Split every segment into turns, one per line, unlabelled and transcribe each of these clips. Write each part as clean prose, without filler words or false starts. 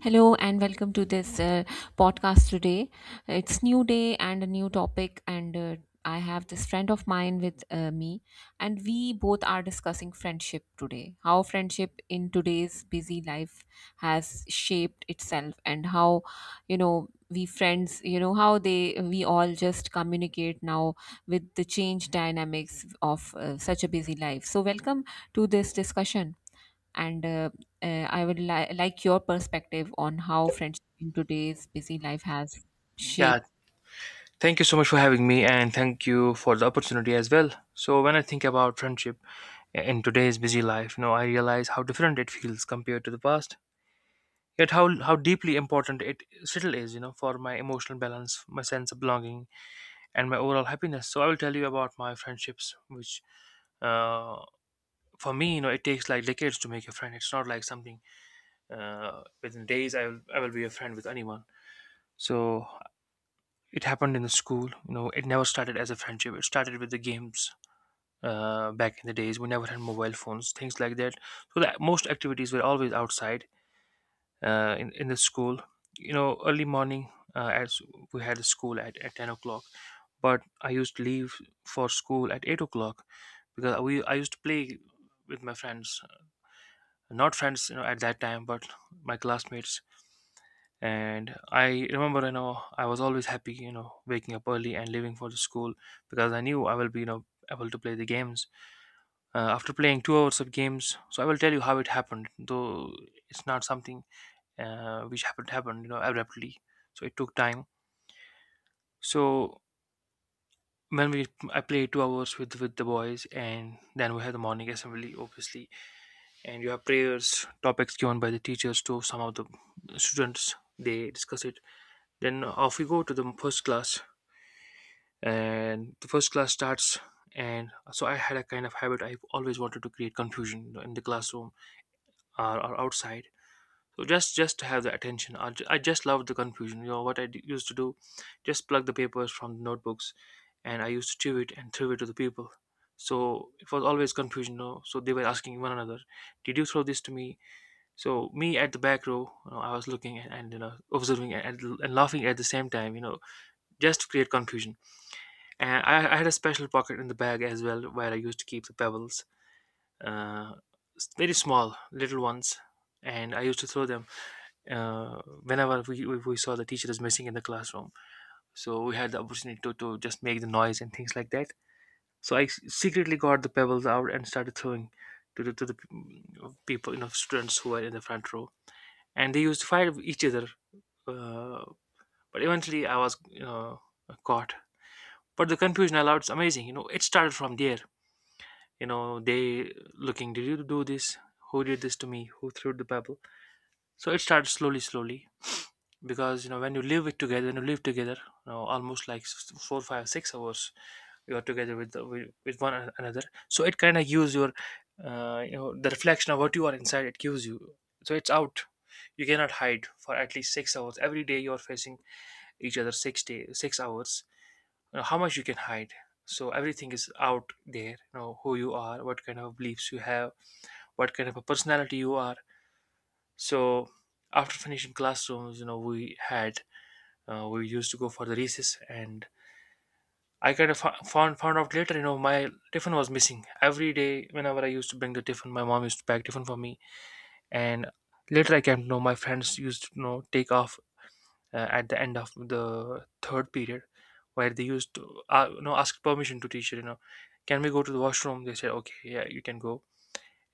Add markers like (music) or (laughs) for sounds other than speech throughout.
Hello and welcome to this podcast today. It's new day and a new topic, and I have this friend of mine with me and we both are discussing friendship today. How friendship in today's busy life has shaped itself and how we friends, how they we all just communicate now with the change dynamics of such a busy life. So welcome to this discussion and I would like your perspective on how friendship in today's busy life has shaped.
Yeah, thank you so much for having me and thank you for the opportunity as well. So when I think about friendship in today's busy life, you know, I realize how different it feels compared to the past. Yet how deeply important it still is, you know, for my emotional balance, my sense of belonging, and my overall happiness. So I will tell you about my friendships, which uh, for me, you know, it takes like decades to make a friend. It's not like something within days. I will be a friend with anyone. So it happened in the school. You know, it never started as a friendship. It started with the games back in the days. We never had mobile phones, things like that. So that most activities were always outside in the school. You know, early morning, as we had school at 10 o'clock, but I used to leave for school at 8 o'clock because we I used to play with my friends, not friends, you know, at that time, but my classmates. And I remember, you know, I was always happy, you know, waking up early and leaving for the school, because I knew I will be, you know, able to play the games after playing 2 hours of games. So I will tell you how it happened, though it's not something which happened, you know, abruptly. So it took time. So when we, I played 2 hours with the boys, and then we had the morning assembly, obviously, and you have prayers, topics given by the teachers to some of the students, they discuss it. Then off we go to the first class, and the first class starts. And so I had a kind of habit, I always wanted to create confusion, you know, in the classroom, or outside. So just to have the attention, I just loved the confusion. You know what I used to do? Just plug the papers from the notebooks, and I used to chew it and throw it to the people. So it was always confusion, you know? So they were asking one another, did you throw this to me? So me at the back row, you know, I was looking and, you know, observing and laughing at the same time, you know, just to create confusion. And I had a special pocket in the bag as well where I used to keep the pebbles, uh, very small little ones, and I used to throw them whenever we saw the teacher is missing in the classroom. So we had the opportunity to just make the noise and things like that. So I secretly got the pebbles out and started throwing to the people, you know, students who were in the front row, and they used to fight with each other. Uh, but eventually, I was, you know, caught. But the confusion allowed is amazing. You know, it started from there. You know, they looking, did you do this? Who did this to me? Who threw the pebble? So it started slowly, slowly, because you know when you live it together, when you live together, you know, almost like 4 5 6 hours you are together with the, with one another. So it kind of gives your you know, the reflection of what you are inside, it gives you. So it's out, you cannot hide. For at least 6 hours every day you are facing each other, 6 day 6 hours, you know, how much you can hide? So everything is out there, you know, who you are, what kind of beliefs you have, what kind of a personality you are. So after finishing classrooms, you know, we had we used to go for the recess, and I kind of found out later, you know, my tiffin was missing every day. Whenever I used to bring the tiffin, my mom used to pack tiffin for me, and later I came to know my friends used to, you know, take off at the end of the third period, where they used to, you know, ask permission to teacher, you know, can we go to the washroom? They said, okay, yeah, you can go.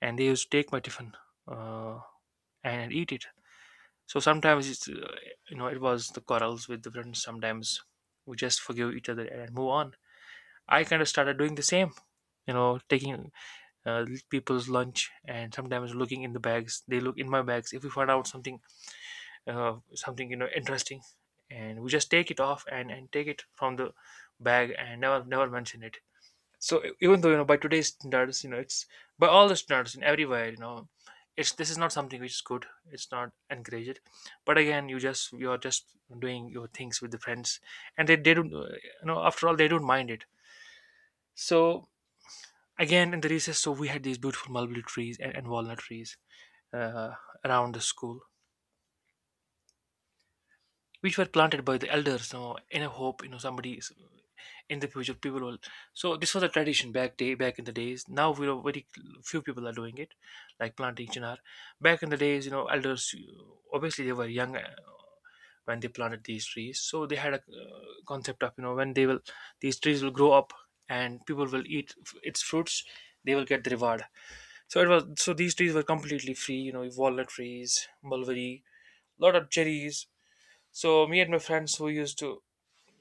And they used to take my tiffin, uh, and eat it. So sometimes it's, you know, it was the quarrels with the friends. Sometimes we just forgive each other and move on. I kind of started doing the same. You know, taking people's lunch and sometimes looking in the bags. They look in my bags. If we find out something, something, you know, interesting, and we just take it off and take it from the bag and never mention it. So even though, you know, by today's standards, you know, it's by all the standards in everywhere, you know, it's, this is not something which is good, it's not encouraged. But again, you just, you're just doing your things with the friends, and they don't, you know, after all, they don't mind it. So again, in the recess, so we had these beautiful mulberry trees and walnut trees, uh, around the school, which were planted by the elders, you know, in a hope, you know, in the future people will. So this was a tradition back day, back in the days, now we are very, few people are doing it, like planting chinar. Back in the days, you know, elders, obviously they were young, when they planted these trees. So they had a concept of, you know, when they will, these trees will grow up and people will eat its fruits, they will get the reward. So it was, so these trees were completely free, you know, walnut trees, mulberry, lot of cherries. So me and my friends who used to,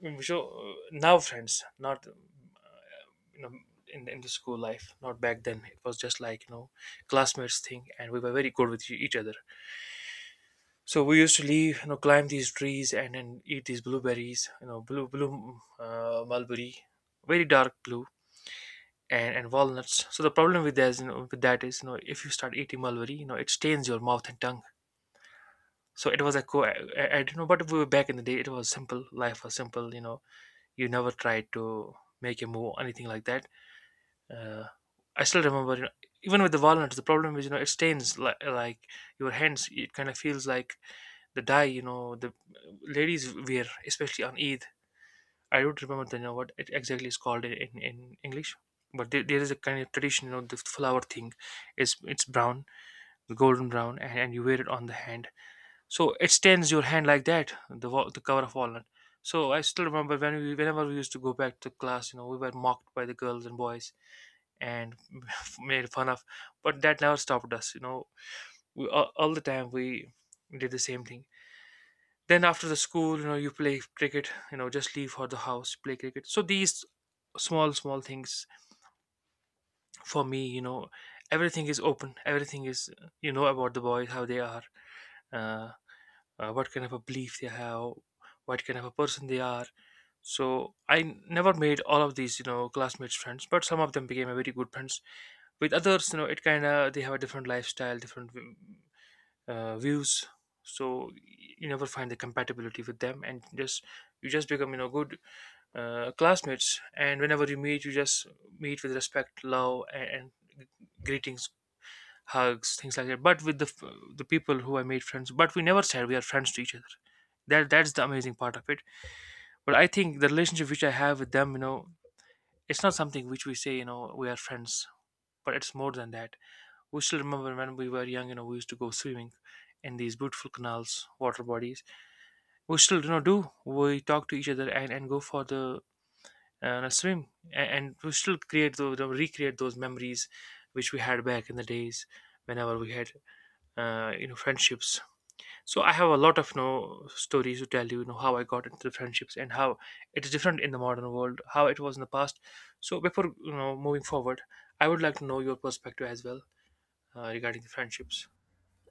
so now friends, not you know, in the school life, not back then. It was just like, you know, classmates thing, and we were very good with each other. So we used to leave, you know, climb these trees and then eat these blueberries, you know, mulberry, very dark blue. And walnuts. So the problem with that is, you know, with that is, you know, if you start eating mulberry, you know, it stains your mouth and tongue. So it was a co. I, I don't know, but we were back in the day. It was simple. Life was simple. You know, you never tried to make a move anything like that. uh, I still remember, you know, even with the walnuts the problem is, you know, it stains like your hands, it kind of feels like the dye, you know, the ladies wear especially on Eid. I don't remember the, you know, what it exactly is called in, in English, but there is a kind of tradition, you know, the flower thing is, it's brown, the golden brown, and you wear it on the hand. So it stains your hand like that, the the cover of walnut. So I still remember, when we, whenever we used to go back to class, you know, we were mocked by the girls and boys, and (laughs) made fun of. But that never stopped us, you know, we, all the time we did the same thing. Then after the school, you know, you play cricket, you know, just leave for the house, play cricket. So these small small things, for me, you know, everything is open, everything is, you know, about the boys, how they are, uh, what kind of a belief they have, what kind of a person they are. So I never made all of these, you know, classmates friends, but some of them became a very good friends. With others, you know, it kind of, they have a different lifestyle, different views. So you never find the compatibility with them, and just, you just become, you know, good classmates, and whenever you meet, you just meet with respect, love, and greetings, hugs, things like that. But with the the people who I made friends, but we never said we are friends to each other, that that's the amazing part of it. But I think the relationship which I have with them, you know, it's not something which we say, you know, we are friends, but it's more than that. We still remember when we were young, you know, we used to go swimming in these beautiful canals, water bodies. We still, you know, do. We talk to each other and go for the swim, and we still create recreate those memories which we had back in the days whenever we had friendships. So I have a lot of stories to tell you, you know how I got into the friendships and how it is different in the modern world, how it was in the past. So before moving forward, I would like to know your perspective as well, regarding the friendships.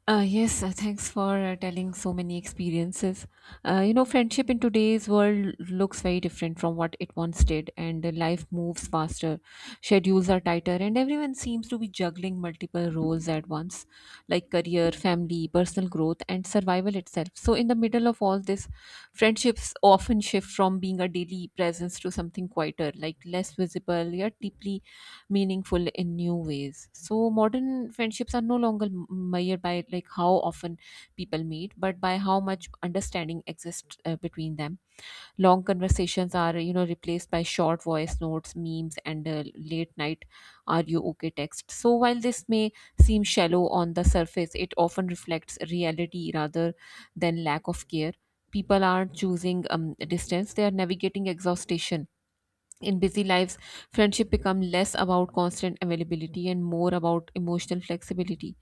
Yes, thanks for telling so many experiences. You know, friendship in today's world looks very different from what it once did, and life moves faster, schedules are tighter, and everyone seems to be juggling multiple roles at once, like career, family, personal growth, and survival itself. So, in the middle of all this, friendships often shift from being a daily presence to something quieter, like less visible yet deeply meaningful in new ways. So modern friendships are no longer measured by like how often people meet, but by how much understanding exists between them. Long conversations are, replaced by short voice notes, memes, and late night "Are you okay?" text. So while this may seem shallow on the surface, it often reflects reality rather than lack of care. People aren't choosing distance; they are navigating exhaustion in busy lives, friendship become less about constant availability and more about emotional flexibility.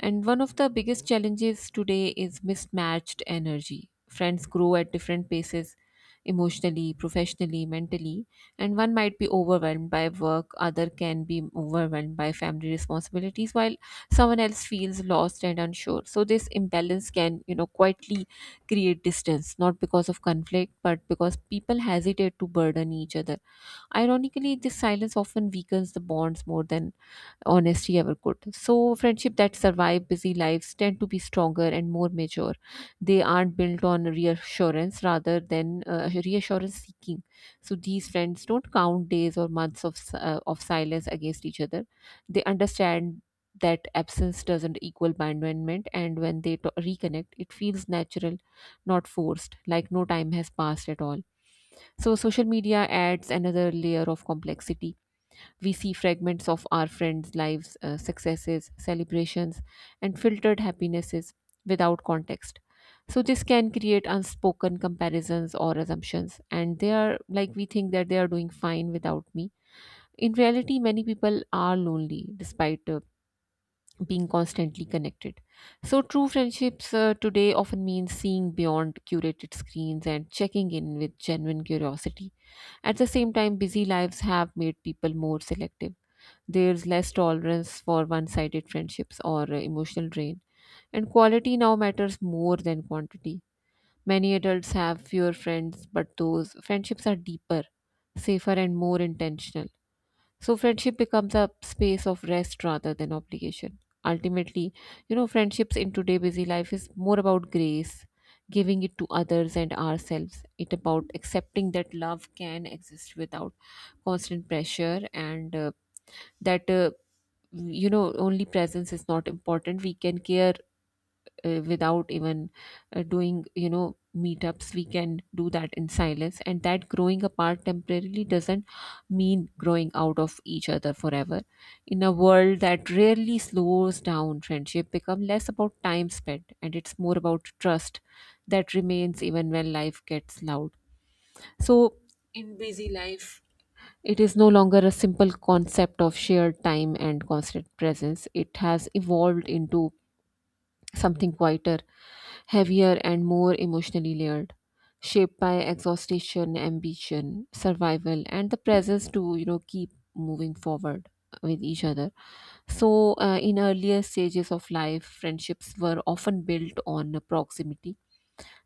And one of the biggest challenges today is mismatched energy. Friends grow at different paces emotionally, professionally, mentally, and one might be overwhelmed by work, other can be overwhelmed by family responsibilities while someone else feels lost and unsure. So this imbalance can, you know, quietly create distance, not because of conflict, but because people hesitate to burden each other. Ironically, this silence often weakens the bonds more than honesty ever could. So, friendship that survive busy lives tend to be stronger and more mature. They aren't built on reassurance rather than reassurance seeking. So, these friends don't count days or months of of silence against each other. They understand that absence doesn't equal abandonment, and when they to reconnect, it feels natural, not forced, like no time has passed at all. So, social media adds another layer of complexity. We see fragments of our friends' lives, successes, celebrations, and filtered happinesses without context. So, this can create unspoken comparisons or assumptions, and they are like we think that they are doing fine without me. In reality, many people are lonely despite being constantly connected. So, true friendships today often means seeing beyond curated screens and checking in with genuine curiosity. At the same time, busy lives have made people more selective. There's less tolerance for one sided friendships or emotional drain, and quality now matters more than quantity. Many adults have fewer friends, but those friendships are deeper, safer, and more intentional. So friendship becomes a space of rest rather than obligation. Ultimately, you know, friendships in today busy life is more about grace, giving it to others and ourselves. It about accepting that love can exist without constant pressure, and that you know only presence is not important. We can care without even doing, you know, meetups. We can do that in silence, and that growing apart temporarily doesn't mean growing out of each other forever. In a world that rarely slows down, friendship become less about time spent and it's more about trust that remains even when life gets loud. So, in busy life, it is no longer a simple concept of shared time and constant presence. It has evolved into something quieter, heavier, and more emotionally layered, shaped by exhaustion, ambition, survival, and the presence to, you know, keep moving forward with each other. So, in earlier stages of life, friendships were often built on proximity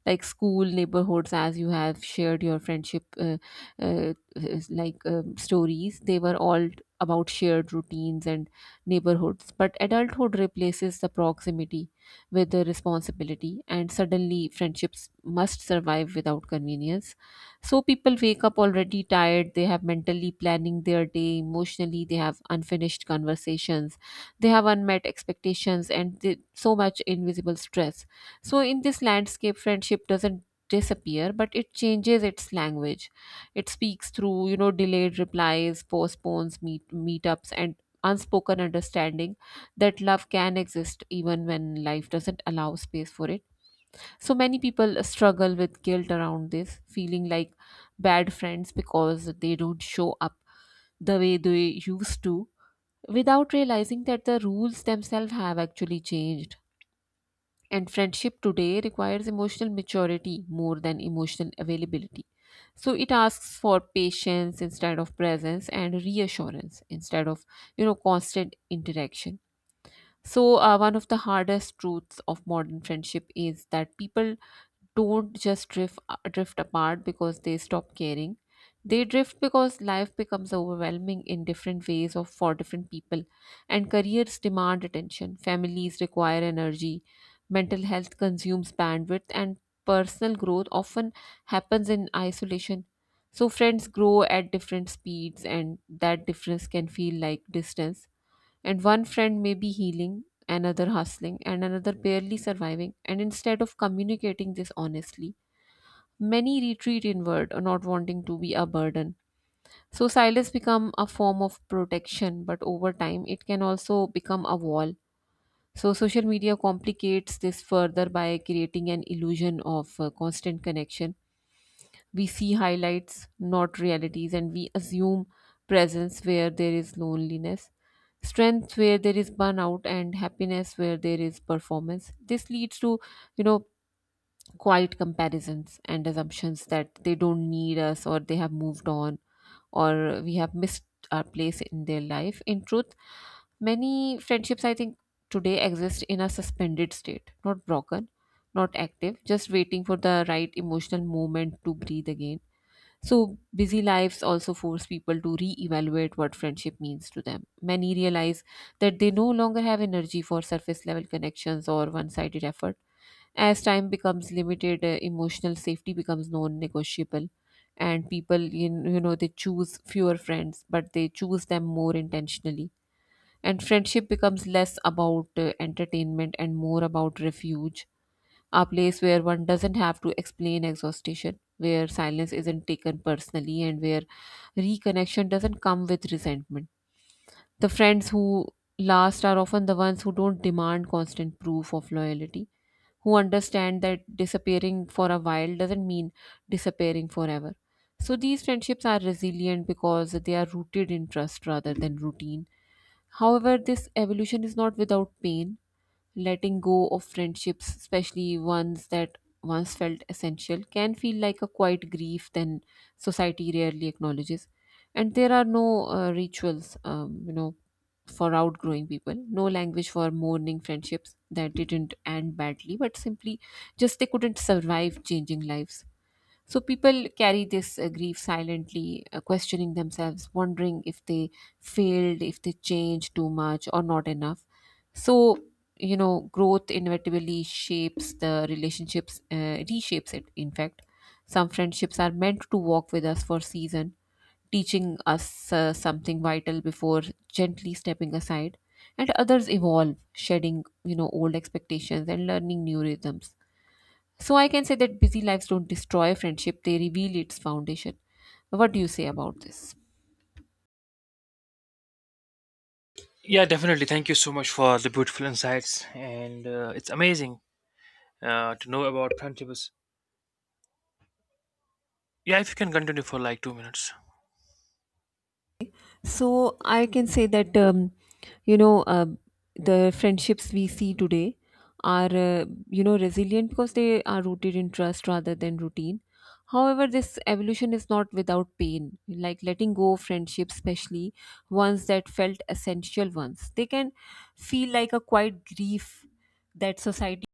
like school neighborhoods. As you have shared your friendship, like stories, they were all about shared routines and neighborhoods, but adulthood replaces the proximity with the responsibility, and suddenly friendships must survive without convenience. So people wake up already tired. They have mentally planning their day. Emotionally, they have unfinished conversations, they have unmet expectations, and they, so much invisible stress. So, in this landscape, friendship doesn't disappear, but it changes its language. It speaks through, you know, delayed replies, postpones meet meetups, and unspoken understanding that love can exist even when life doesn't allow space for it. So many people struggle with guilt around this, feeling like bad friends because they don't show up the way they used to, without realizing that the rules themselves have actually changed, and friendship today requires emotional maturity more than emotional availability. So it asks for patience instead of presence, and reassurance instead of, you know, constant interaction. So, one of the hardest truths of modern friendship is that people don't just drift drift apart because they stop caring. They drift because life becomes overwhelming in different ways of for different people, and careers demand attention, families require energy, mental health consumes bandwidth, and personal growth often happens in isolation. So friends grow at different speeds, and that difference can feel like distance, and one friend may be healing, another hustling, and another barely surviving. And instead of communicating this honestly, many retreat inward, not wanting to be a burden. So silence become a form of protection, but over time it can also become a wall. So social media complicates this further by creating an illusion of constant connection. We see highlights, not realities, and we assume presence where there is loneliness, strength where there is burnout, and happiness where there is performance. This leads to, you know, quiet comparisons and assumptions that they don't need us, or they have moved on, or we have missed our place in their life. In truth, many friendships, I think, today exist in a suspended state, not broken, not active, just waiting for the right emotional moment to breathe again. So, busy lives also force people to re evaluate what friendship means to them. Many realize that they no longer have energy for surface level connections or one sided effort. As time becomes limited, emotional safety becomes non negotiable. And people, you know, they choose fewer friends, but they choose them more intentionally. And friendship becomes less about entertainment and more about refuge, a place where one doesn't have to explain exhaustion, where silence isn't taken personally, and where reconnection doesn't come with resentment. The friends who last are often the ones who don't demand constant proof of loyalty, who understand that disappearing for a while doesn't mean disappearing forever. So these friendships are resilient because they are rooted in trust rather than routine. However, this evolution is not without pain. Letting go of friendships, especially ones that once felt essential, can feel like a quiet grief then society rarely acknowledges. And there are no rituals, you know, for outgrowing people, no language for mourning friendships that didn't end badly, but simply just they couldn't survive changing lives. So people carry this grief silently, questioning themselves, wondering if they failed, if they changed too much or not enough. So, you know, growth inevitably shapes the relationships, reshapes it, in fact. Some friendships are meant to walk with us for a season, teaching us something vital before gently stepping aside. And others evolve, shedding, you know, old expectations and learning new rhythms. So I can say that busy lives don't destroy friendship, they reveal its foundation. What do you say about this?
Yeah, definitely, thank you so much for the beautiful insights, and it's amazing to know about friendships. Yeah, if you can continue for like 2 minutes.
So I can say that you know the friendships we see today are you know resilient because they are rooted in trust rather than routine. However, this evolution is not without pain. Like letting go of friendships, especially ones that felt essential ones, they can feel like a quiet grief that society,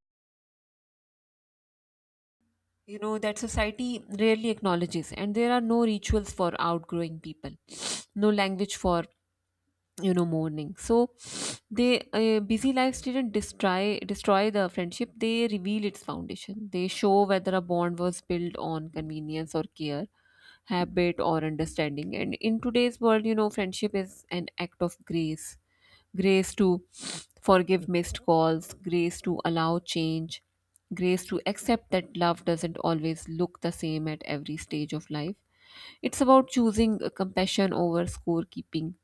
you know that society rarely acknowledges, and there are no rituals for outgrowing people, no language for, you know, mourning. So they, busy lives didn't destroy the friendship, they reveal its foundation. They show whether a bond was built on convenience or care, habit or understanding. And in today's world, you know, friendship is an act of grace. Grace to forgive missed calls, grace to allow change, grace to accept that love doesn't always look the same at every stage of life. It's about choosing compassion over scorekeeping,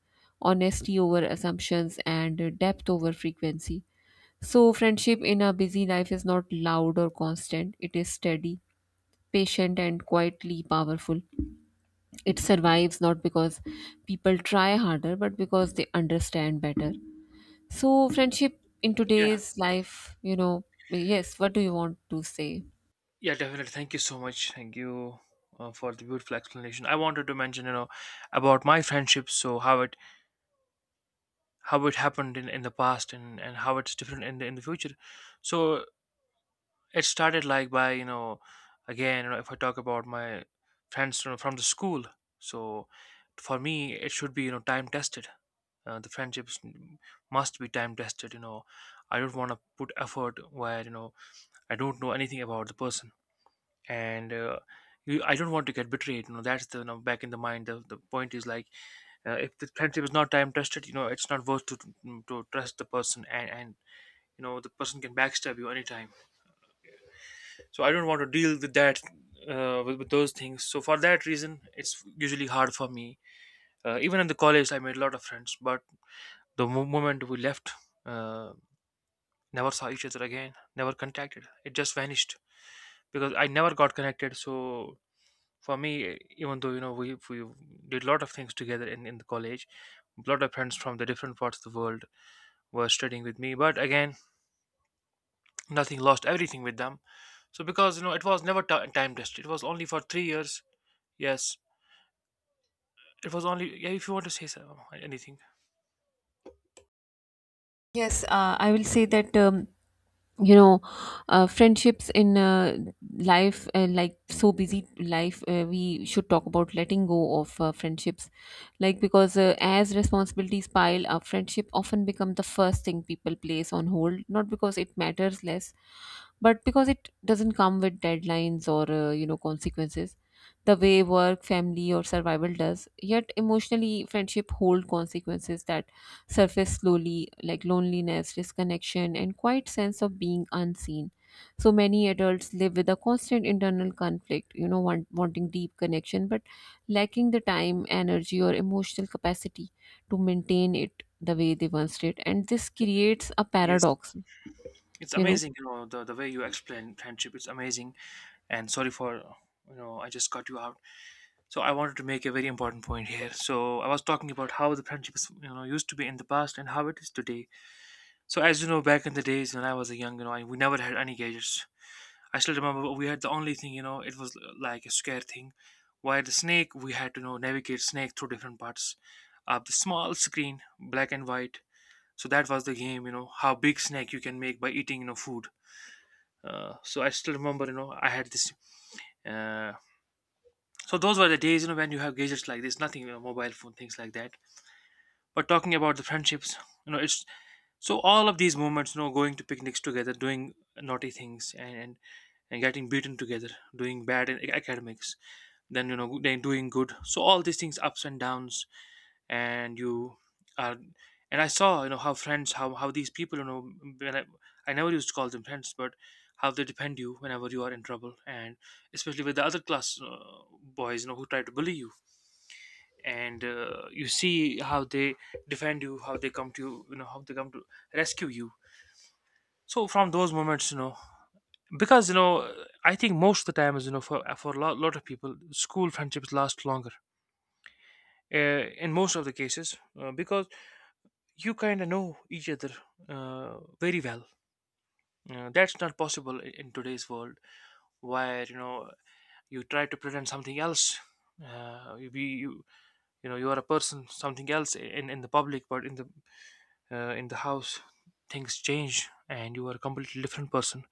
honesty over assumptions, and depth over frequency. So friendship in a busy life is not loud or constant, it is steady, patient, and quietly powerful. It survives not because people try harder, but because they understand better. So, friendship in
Yeah,
today's life, you know, yes, what do you want to say?
yeah, definitely, thank you so much. Thank you for the beautiful explanation. I wanted to mention about my friendships, so how it happened in the past, and, how it's different in the future. So it started like by again. If I talk about my friends, from the school, so for me it should be time tested. The friendships must be time tested. You know, I don't want to put effort where I don't know anything about the person. And I don't want to get betrayed. That's the, back in the mind. The point is like, if the friendship is not time tested, it's not worth to trust the person, and the person can backstab you anytime. So I don't want to deal with that, with those things. So for that reason it's usually hard for me. Even in the college I made a lot of friends, but the moment we left, uh, never saw each other again, never contacted, it just vanished because I never got connected. So for me, even though, we did a lot of things together in the college, a lot of friends from the different parts of the world were studying with me, but again, nothing, lost everything with them. So because, it was never ti time tested, it was only for 3 years. Yes, it was only, yeah, if you want to say so, anything.
Yes, I will say that you know friendships in life, like so busy life, we should talk about letting go of friendships, like. Because as responsibilities pile up, friendship often become the first thing people place on hold, not because it matters less, but because it doesn't come with deadlines or consequences, the way work, family, or survival does. Yet emotionally, friendship hold consequences that surface slowly, like loneliness, disconnection, and quiet sense of being unseen. So many adults live with a constant internal conflict, you know, wanting deep connection, but lacking the time, energy, or emotional capacity to maintain it the way they once did. And this creates a
Yes,
paradox,
it's
you know.
amazing, the way you explain friendship, it's amazing. And sorry for, I just cut you out. So I wanted to make a very important point here. So I was talking about how the friendship used to be in the past and how it is today. So as you know, back in the days when I was a young, we never had any gadgets. I still remember we had the only thing, you know, it was like a scare thing. While the snake, we had to, navigate snake through different parts of the small screen, black and white. So that was the game, you know, how big snake you can make by eating, you know, food. So I still remember, I had this. Uh, so those were the days, you know, when you have gadgets like this, nothing, you know, mobile phone, things like that. But talking about the friendships, you know, it's so all of these moments, you know, going to picnics together, doing naughty things, and getting beaten together, doing bad in academics, then, they're doing good. So all these things, ups and downs. And you are and I saw, how friends, how these people, when i, I never used to call them friends, but how they defend you whenever you are in trouble, and especially with the other class, boys, who try to bully you. And you see how they defend you, how they come to you, you know how they come to rescue you. So from those moments, because, I think most of the time is, for a lot of people, school friendships last longer in most of the cases, because you kind of know each other very well. That's not possible in today's world, where, you try to pretend something else, you be you you know you are a person something else in the public, but in the, in the house, things change and you are a completely different person.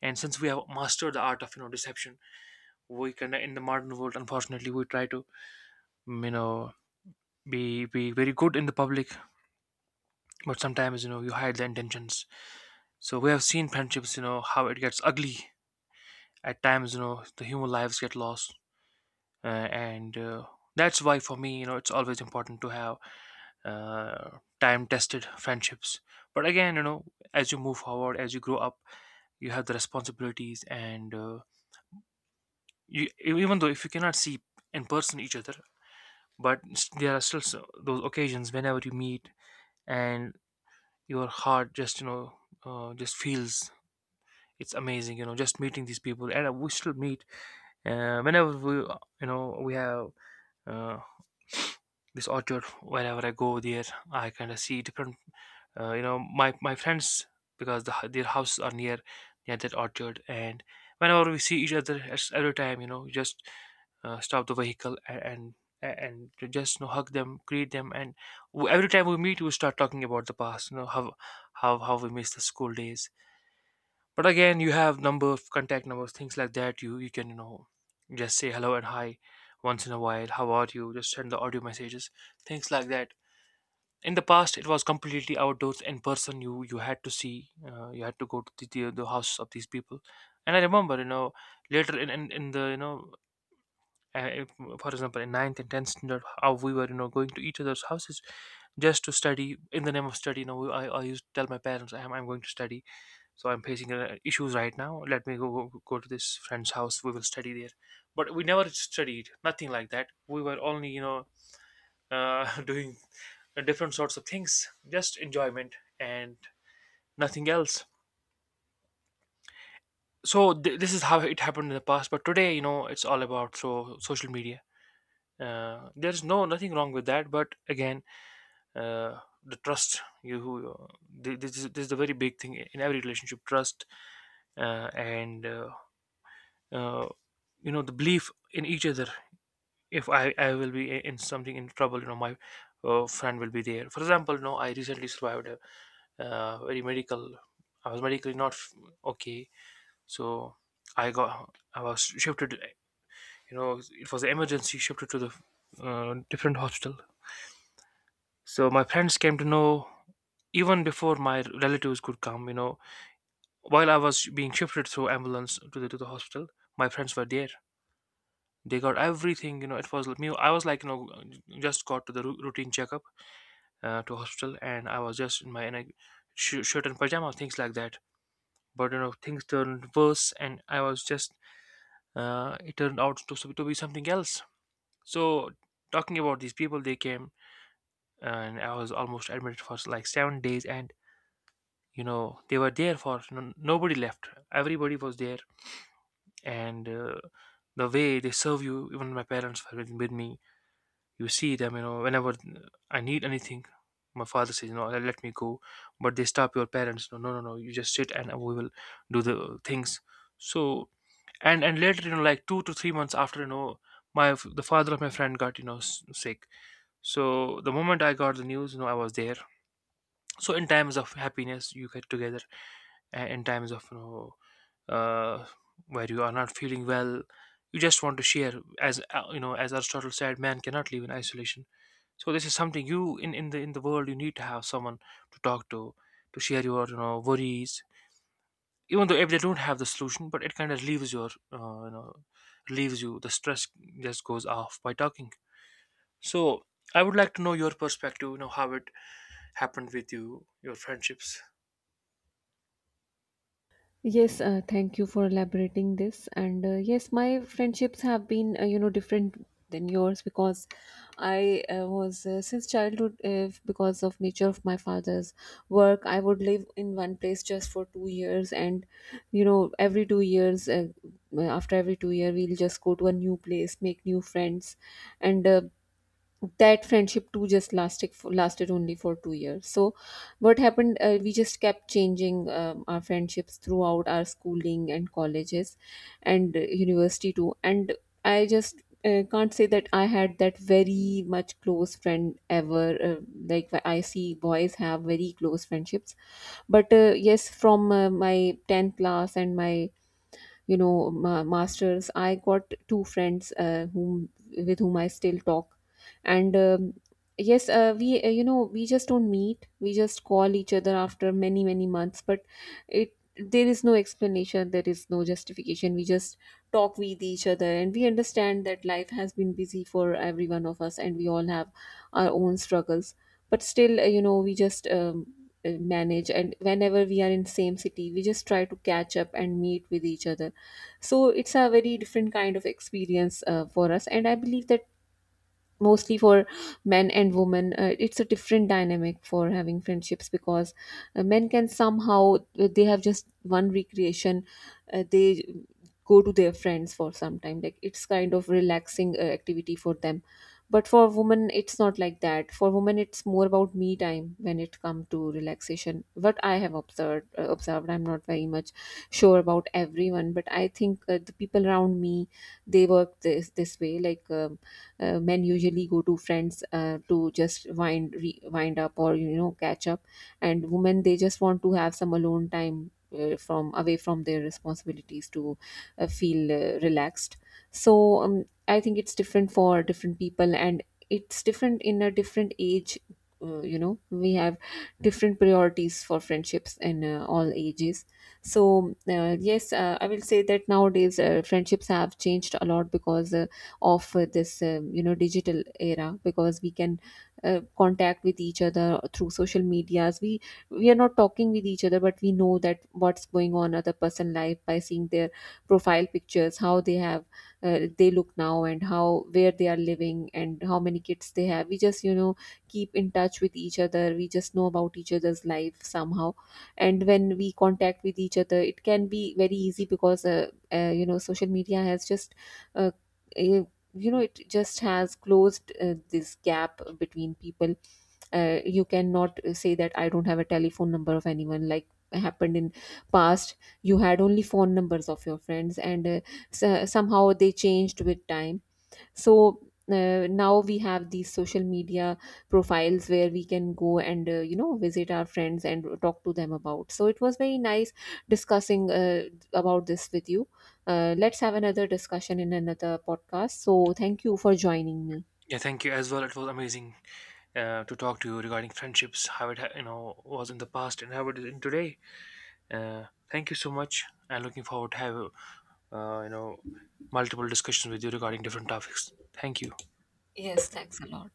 And since we have mastered the art of, deception, we can, in the modern world, unfortunately, we try to, you know be very good in the public, but sometimes, you hide the intentions. So we have seen friendships, how it gets ugly at times, the human lives get lost. Uh, and that's why for me, it's always important to have time tested friendships. But again, as you move forward, as you grow up, you have the responsibilities, and even though if you cannot see in person each other, but there are still those occasions whenever you meet, and your heart just, just feels, it's amazing, just meeting these people. And we still meet whenever we, have uh, (sniffs) this orchard. Whenever I go there, I kind of see different, my friends, because their houses are near that orchard, and whenever we see each other, it's every time, just, stop the vehicle, and to just, hug them, greet them. And every time we meet, we start talking about the past, how we miss the school days. But again, you have number of contact numbers, things like that, you can, just say hello and hi once in a while, how are you, just send the audio messages, things like that. In the past it was completely outdoors, in person, you had to see, you had to go to the house of these people. And I remember, later in the, uh, if- for example in ninth and 10th standard, how we were, going to each other's houses just to study. In the name of study, I used to tell my parents, I'm going to study, so I'm facing, issues right now, let me go to this friend's house, we will study there. But we never studied, nothing like that, we were only, (laughs) doing different sorts of things, just enjoyment and nothing else. So this is how it happened in the past, but today, it's all about so social media. There's no, nothing wrong with that, but again, the trust, this is the very big thing in every relationship, trust, and uh, the belief in each other. If I will be in something in trouble, my friend will be there, for example. No, I recently survived a very medical, I was medically not okay. So I was shifted, it was an emergency, shifted to the, different hospital. So my friends came to know even before my relatives could come, while I was being shifted through ambulance to the hospital, my friends were there. They got everything, it was me, I was like, just got to the routine checkup, to hospital, and I was just in a shirt and pajama, things like that. But, things turned worse, and I was just, it turned out to be something else. So, talking about these people, they came, and I was almost admitted for like 7 days, and, they were there for, nobody left, everybody was there. And the way they serve you, even my parents were with me, you see them, whenever I need anything, my father says, no, let me go, but they stop your parents, no, no, no, no, you just sit and we will do the things. So and later, like 2 to 3 months after, my the father of my friend got, sick, so the moment I got the news, I was there. So in times of happiness you get together, and in times of, uh, where you are not feeling well, you just want to share. As, as Aristotle said, man cannot live in isolation. So this is something, you in, in the world you need to have someone to talk to share your, worries. Even though if they don't have the solution, but it kind of relieves you, the stress just goes off by talking. So I would like to know your perspective. You know how it happened with you, your friendships.
Yes, thank you for elaborating this. And yes, my friendships have been, you know, different than yours, because I was since childhood, because of nature of my father's work, I would live in one place just for 2 years, and you know, every 2 years, after every 2 year, we'll just go to a new place, make new friends, and that friendship too just lasted only for 2 years. So what happened, we just kept changing our friendships throughout our schooling and colleges, and university too. And I just can't say that I had that very much close friend ever, like I see boys have very close friendships. But yes, from my 10th class and my masters, I got two friends, whom, with whom I still talk. And yes, we you know, we just don't meet, we just call each other after many, many months. But it there is no explanation, there is no justification, we just talk with each other, and we understand that life has been busy for every one of us, and we all have our own struggles. But still, you know, we just manage, and whenever we are in same city, we just try to catch up and meet with each other. So it's a very different kind of experience for us. And I believe that mostly for men and women, it's a different dynamic for having friendships. Because men can somehow, they have just one recreation, they go to their friends for some time, like it's kind of relaxing activity for them. But for women it's not like that. For women it's more about me time when it comes to relaxation, what I have observed. I'm not very much sure about everyone, but I think the people around me, they work this way, like men usually go to friends to just wind up, or you know, catch up. And women, they just want to have some alone time, from away from their responsibilities, to feel relaxed. So I think it's different for different people, and it's different in a different age. You know, we have different priorities for friendships in all ages. So yes, I will say that nowadays friendships have changed a lot, because of this you know, digital era. Because we can contact with each other through social medias. We are not talking with each other, but we know that what's going on other person life by seeing their profile pictures, how they have they look now, and how where they are living, and how many kids they have. We just, you know, keep in touch with each other, we just know about each other's life somehow. And when we contact with each other, it can be very easy, because you know, social media has just uh, uh, you know, it just has closed this gap between people. You cannot say that I don't have a telephone number of anyone, like happened in past. You had only phone numbers of your friends, and so somehow they changed with time. So now we have these social media profiles where we can go and you know, visit our friends and talk to them about. So it was very nice discussing about this with you. Let's have another discussion in another podcast. So thank you for joining me.
Yeah, thank you as well. It was amazing to talk to you regarding friendships, how it was in the past and how it is in today. Uh, Thank you so much, and looking forward to have, uh, you know multiple discussions with you regarding different topics. Thank you.
Yes, thanks a lot.